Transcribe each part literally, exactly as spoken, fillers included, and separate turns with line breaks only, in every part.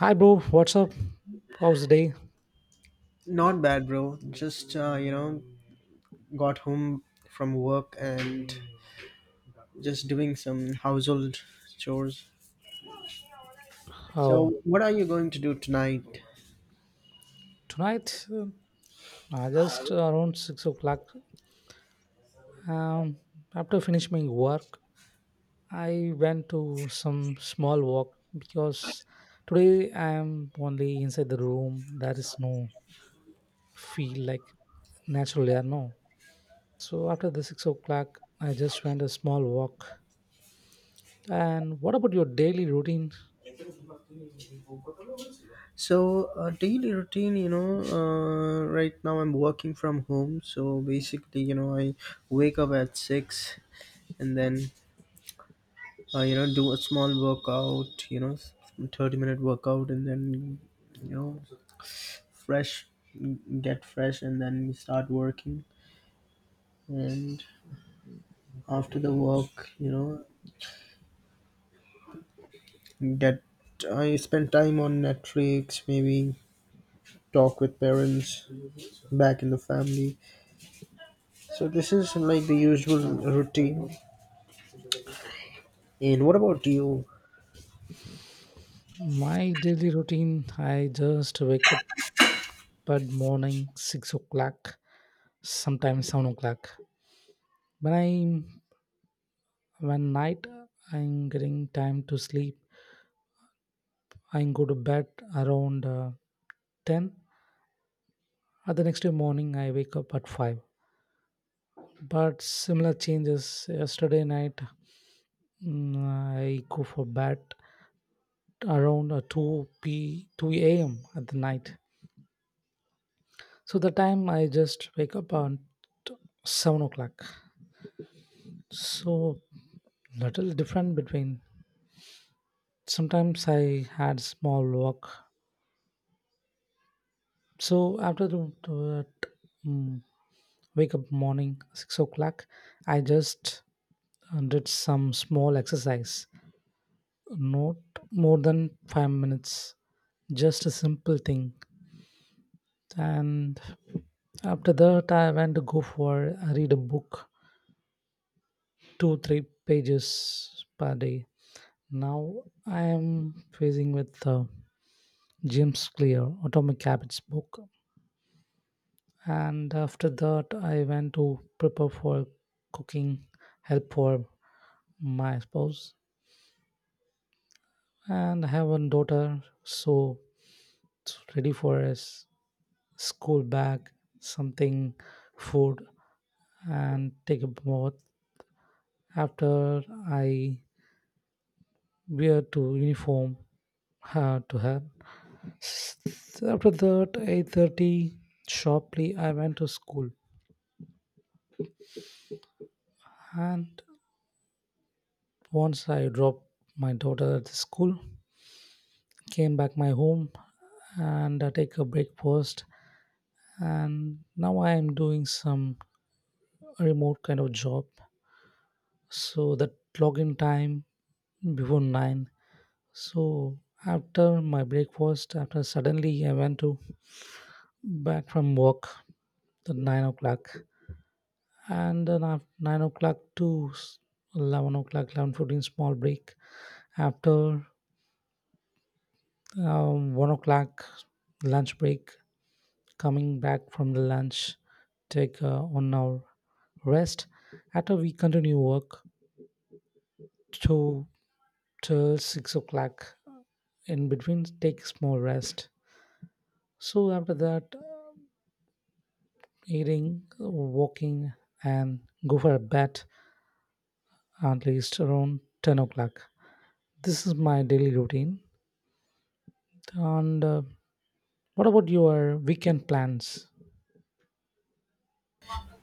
Hi, bro. What's up? How's the day?
Not bad, bro. Just uh, you know, got home from work and just doing some household chores.
Oh,
So, what are you going to do tonight?
tonight, uh, I just uh, around six o'clock. Um, After finishing my work, I went to some small walk because today I am only inside the room. There is no feel like natural air, no. So after the six o'clock, I just went a small walk. And what about your daily routine?
So, uh, daily routine, you know, uh, right now I'm working from home. So basically, you know, I wake up at six, and then uh, you know do a small workout, you know, thirty minute workout, and then you know fresh, get fresh, and then start working. And after the work you know get I spend time on Netflix, maybe talk with parents back in the family. So this is like the usual routine. And what about you?
My daily routine, I just wake up at morning six o'clock, sometimes seven o'clock. When I when night I'm getting time to sleep, I go to bed around uh, ten. At the next day morning, I wake up at five. But similar changes yesterday night. mm, I go for bed around uh, two p two a m at the night. So the time I just wake up on t- seven o'clock. So little different between. Sometimes I had small walk. So after the, the mm, wake up morning six o'clock, I just uh, did some small exercise, not more than five minutes, just a simple thing. And after that, I went to go for I read a book, two three pages per day. Now I am facing with uh, James Clear Atomic Habits book, and after that, I went to prepare for cooking, help for my spouse, and I have one daughter, so it's ready for us school bag, something, food, and take a bath. After, I wear to uniform her to her, so after that eight thirty sharply I went to school. And once I dropped my daughter at the school, came back my home, and I take a breakfast. And now I am doing some remote kind of job. So that login time before nine. So after my breakfast, after suddenly I went to back from work at nine o'clock. And then after nine o'clock to s- eleven o'clock, eleven fifteen small break. After um, one o'clock lunch break, coming back from the lunch, take uh, one hour rest. After we continue work to till six o'clock, in between take small rest. So after that, uh, eating, walking, and go for a bath at least around ten o'clock. This is my daily routine. And uh, what about your weekend plans?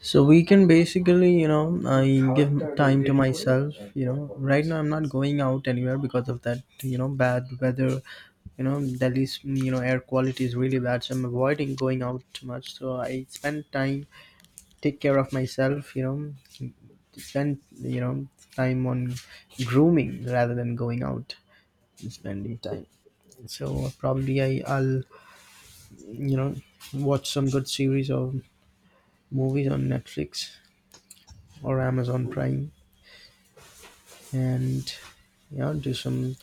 So we can basically, you know I give time to myself. You know right now I'm not going out anywhere because of that, you know bad weather. You know delhi's, you know air quality is really bad, so I'm avoiding going out too much. So I spend time, take care of myself you know spend you know time on grooming rather than going out and spending time. So probably I, i'll you know watch some good series or movies on Netflix or Amazon Prime, and you know do some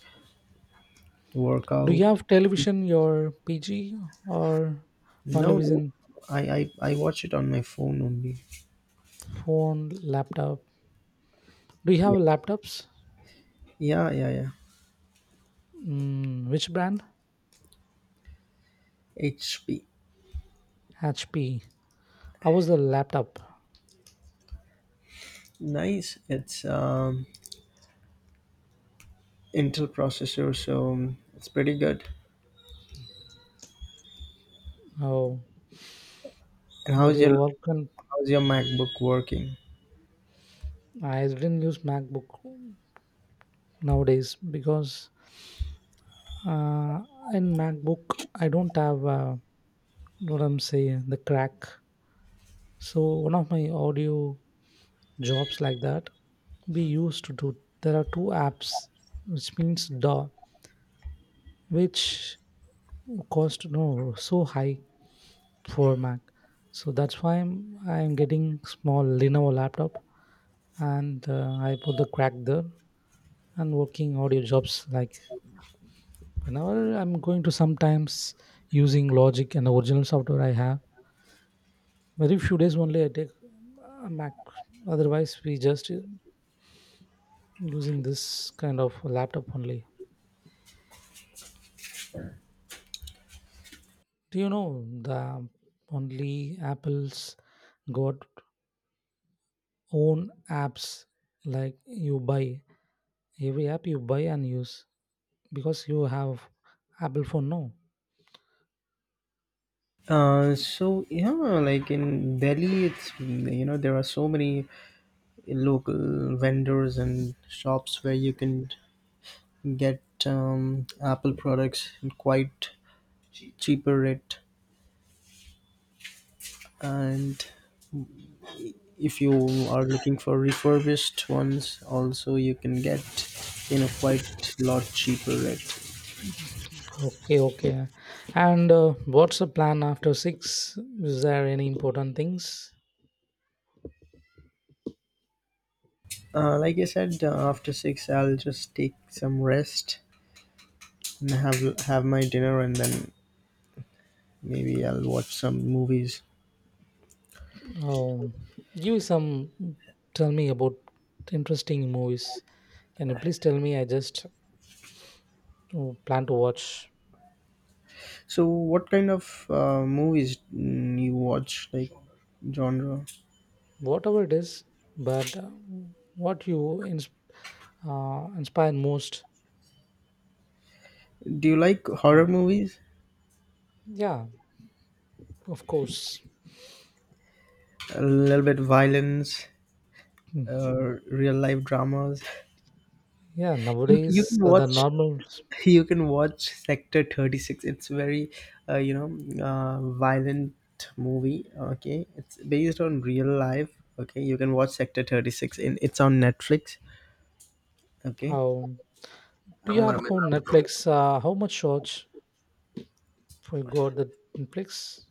Do
workout.
you have
No,
television in your pg? Or
no,
only within
i i, I watch it on my phone only.
phone, laptop? Do you have
Yeah.
laptops?
Yeah, yeah, yeah.
Mm, which brand?
H P.
HP, I was a laptop.
Nice, it's um Intel processor, so it's pretty good.
Oh,
And
but
how's
you
your
work on.
How's your MacBook working?
I didn't use MacBook nowadays because uh, in MacBook I don't have uh, what I'm saying, the crack. So one of my audio jobs like that, we used to do, there are two apps, which means DAW, which cost no so high for Mac. So that's why i'm i'm getting small Lenovo laptop. And uh, I put the crack there and working audio jobs like, whenever I'm going to sometimes using Logic and the original software I have, very few days only I take a Mac. Otherwise we just uh, using this kind of laptop only. Do you know, the only Apple's got own apps, like you buy every app, you buy and use, because you have Apple phone, no?
Uh, so yeah, like in Delhi, it's, you know there are so many local vendors and shops where you can get um, Apple products at quite cheaper rate. And if you are looking for refurbished ones, also you can get in a quite lot cheaper rate.
Okay, okay. And uh, what's the plan after six? Is there any important things?
Uh, like I said, uh, after six, I'll just take some rest and have have my dinner, and then maybe I'll watch some movies.
Um, Give some. Tell me about interesting movies. Can you please tell me? I just uh, plan to watch
So, what kind of uh, movies mm, you watch? Like genre?
whatever it is, but uh, what you ins- uh, inspire most?
Do you like horror
Mm.
movies?
Yeah, of course.
A little bit violence,
Mm.
uh, real life dramas.
Yeah,
You you
nowadays
can
uh, the
watch
normal.
you can watch Sector thirty-six. It's very uh, you know uh, violent movie. Okay, it's based on real life. Okay, you can watch Sector thirty-six. In It's on Netflix. Okay.
How, do you
Uh,
have account Netflix? Uh, how much shorts for you got the Netflix?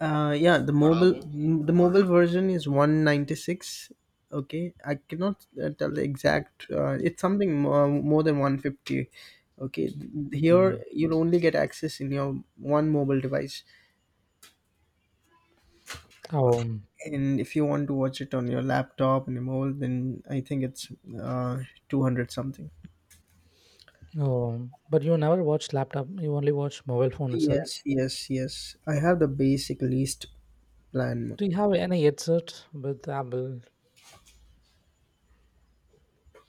Uh, yeah, the mobile m- the mobile version is one ninety-six. Okay, I cannot uh, tell the exact. Uh, it's something more, more than one fifty. Okay, here
Mm.
you'll only get access in your one mobile device,
Um,
and if you want to watch it on your laptop and your mobile, then I think it's uh, two hundred something.
um, but you never watch laptop. You only watch mobile phone itself.
Yes, yes, yes, I have the basic least plan.
Do you have any headset with Apple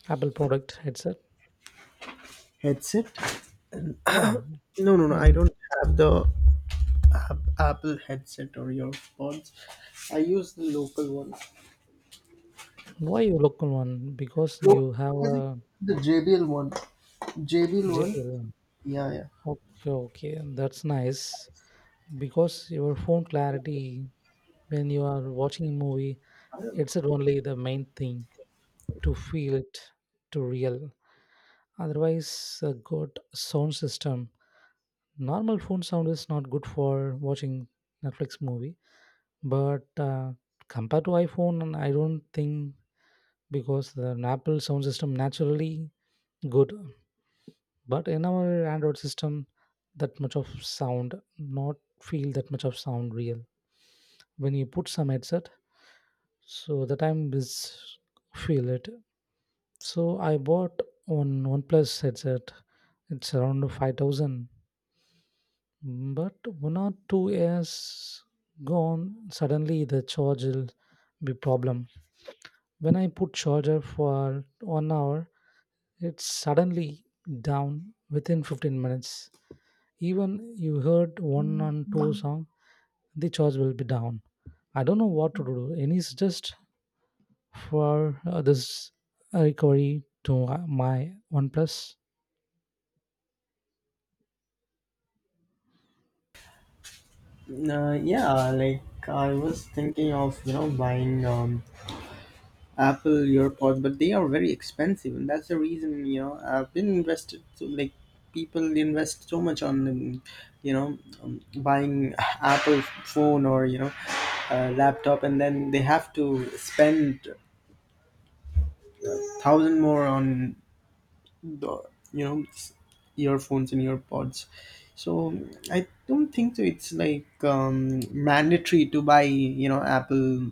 Apple product headset?
Headset.
Yeah.
No, no, no, I
Mm,
don't have the App- Apple headset or your pods. I use the local one.
why you local one? Because
Local,
you have
I think
a
the J B L one. J B L one.
J B L one.
Yeah, yeah.
Okay, okay, that's nice. Because your phone clarity when you are watching a movie, it's only the main thing to feel it to real. Otherwise, a good sound system. Normal phone sound is not good for watching Netflix movie, but uh, compared to iPhone, I don't think, because the Apple sound system naturally good, but in our Android system, that much of sound not feel that much of sound real. When you put some headset, so the time is feel it. So I bought one OnePlus headset. It's around five thousand, but one or two years gone. Suddenly the charge will be problem. When I put charger for one hour, it's suddenly down within fifteen minutes. Even you heard one on two song, the charge will be down. I don't know what to do. Any is just for uh, this uh, recovery to uh, my OnePlus?
Uh, yeah, like I was thinking of you know buying um, Apple AirPods, but they are very expensive, and that's the reason, you know I've been invested. So like people invest so much on um, you know um, buying Apple phone or you know uh, laptop, and then they have to spend thousand more on the you know s- earphones and earpods. So I don't think so it's like um, mandatory to buy you know Apple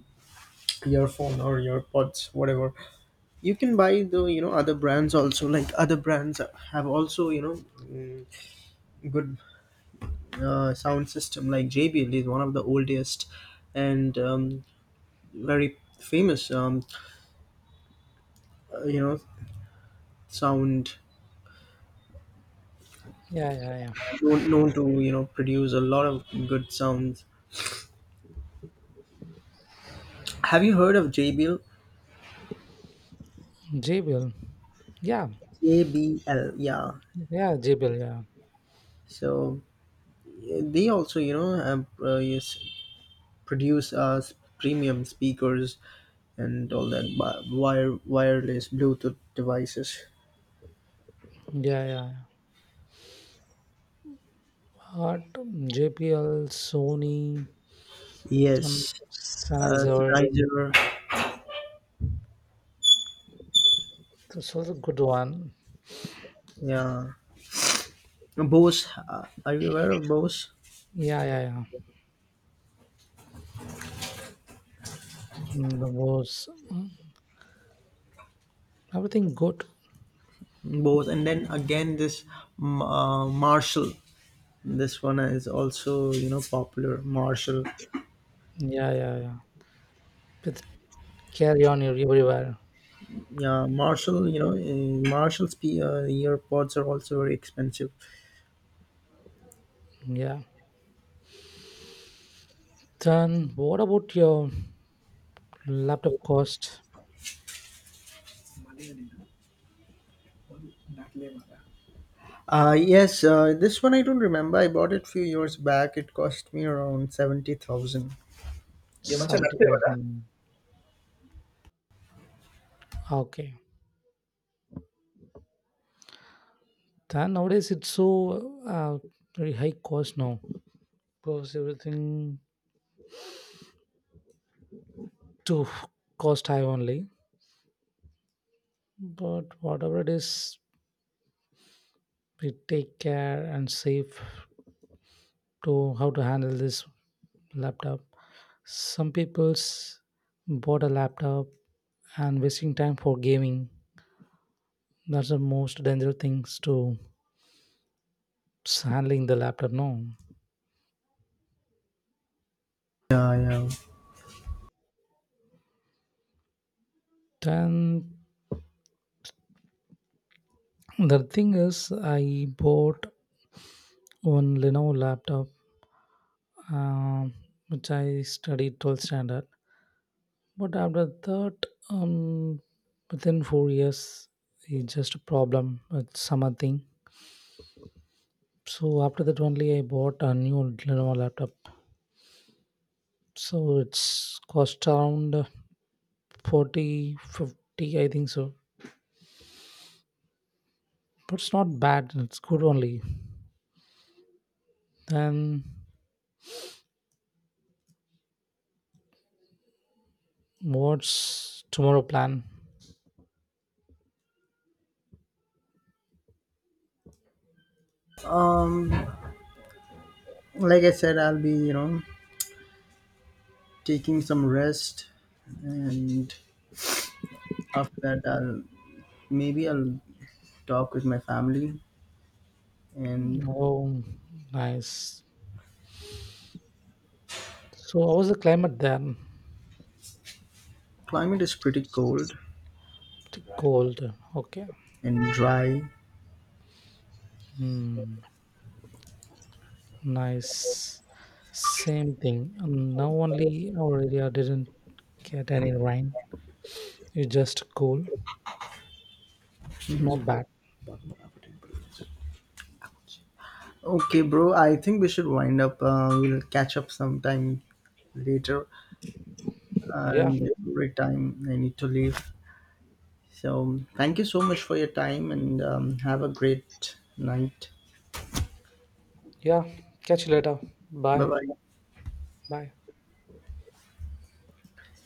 earphone or earpods, whatever. You can buy the you know other brands also. Like other brands have also you know mm, good uh, sound system. Like JBL is one of the oldest, and um, very famous, um, uh, you know sound,
Yeah, yeah, yeah.
known known to you know produce a lot of good sounds. Have you heard of J B L?
J B L. Yeah,
J B L. Yeah.
yeah, J B L. Yeah,
So eh, they also, you know, have, uh, yes, produce uh, s- premium speakers and all that wi- wire wireless Bluetooth devices.
yeah, yeah. But J B L, Sony, um,
Yes, uh,
Sennheiser.
Sennheiser,
This was a good one.
yeah, Bose. Uh, are you aware of Bose?
Yeah, yeah, yeah. Mm, The was mm, everything good.
Bose, and then again this, mm, uh, Marshall. This one is also, you know, popular. Marshall,
Yeah, yeah, yeah. Just carry on ev- everywhere.
yeah, Marshall, you know uh, Marshall's, P- uh, earpods are also very expensive.
Yeah. Then what about your laptop cost?
Uh yes, uh, this one I don't remember. I bought it few years back. It cost me around seventy thousand. ये मचा
Seventy
लगते हैं.
thousand. Okay. Then nowadays it's so uh, very high cost now, because everything to cost high only. But whatever it is, we take care and save to how to handle this laptop. Some people's bought a laptop and wasting time for gaming. That's the most dangerous things to handling the laptop now.
Yeah, yeah.
Then the thing is, I bought one Lenovo laptop, um, which I studied twelfth standard. But after that, um, within four years, it's just a problem with some thing. So after that only, I bought a new Lenovo laptop. So it's cost around forty fifty, I think so. But it's not bad. It's good only. Then, what's tomorrow plan?
um like I said, I'll be you know taking some rest, and after that, I'll maybe I'll talk with my family. And
Oh, nice. So, how was the climate then?
climate is pretty cold
Pretty cold. Okay.
and dry.
Hmm. Nice. Same thing. And now only our area didn't get any rain. It's just cool. Not bad.
Okay, bro. I think we should wind up. Uh, we'll catch up sometime later.
Yeah.
Um, every time I need to leave. So thank you so much for your time, and um, have a great night.
Yeah. Catch you later.
Bye
Bye.
bye.
Bye.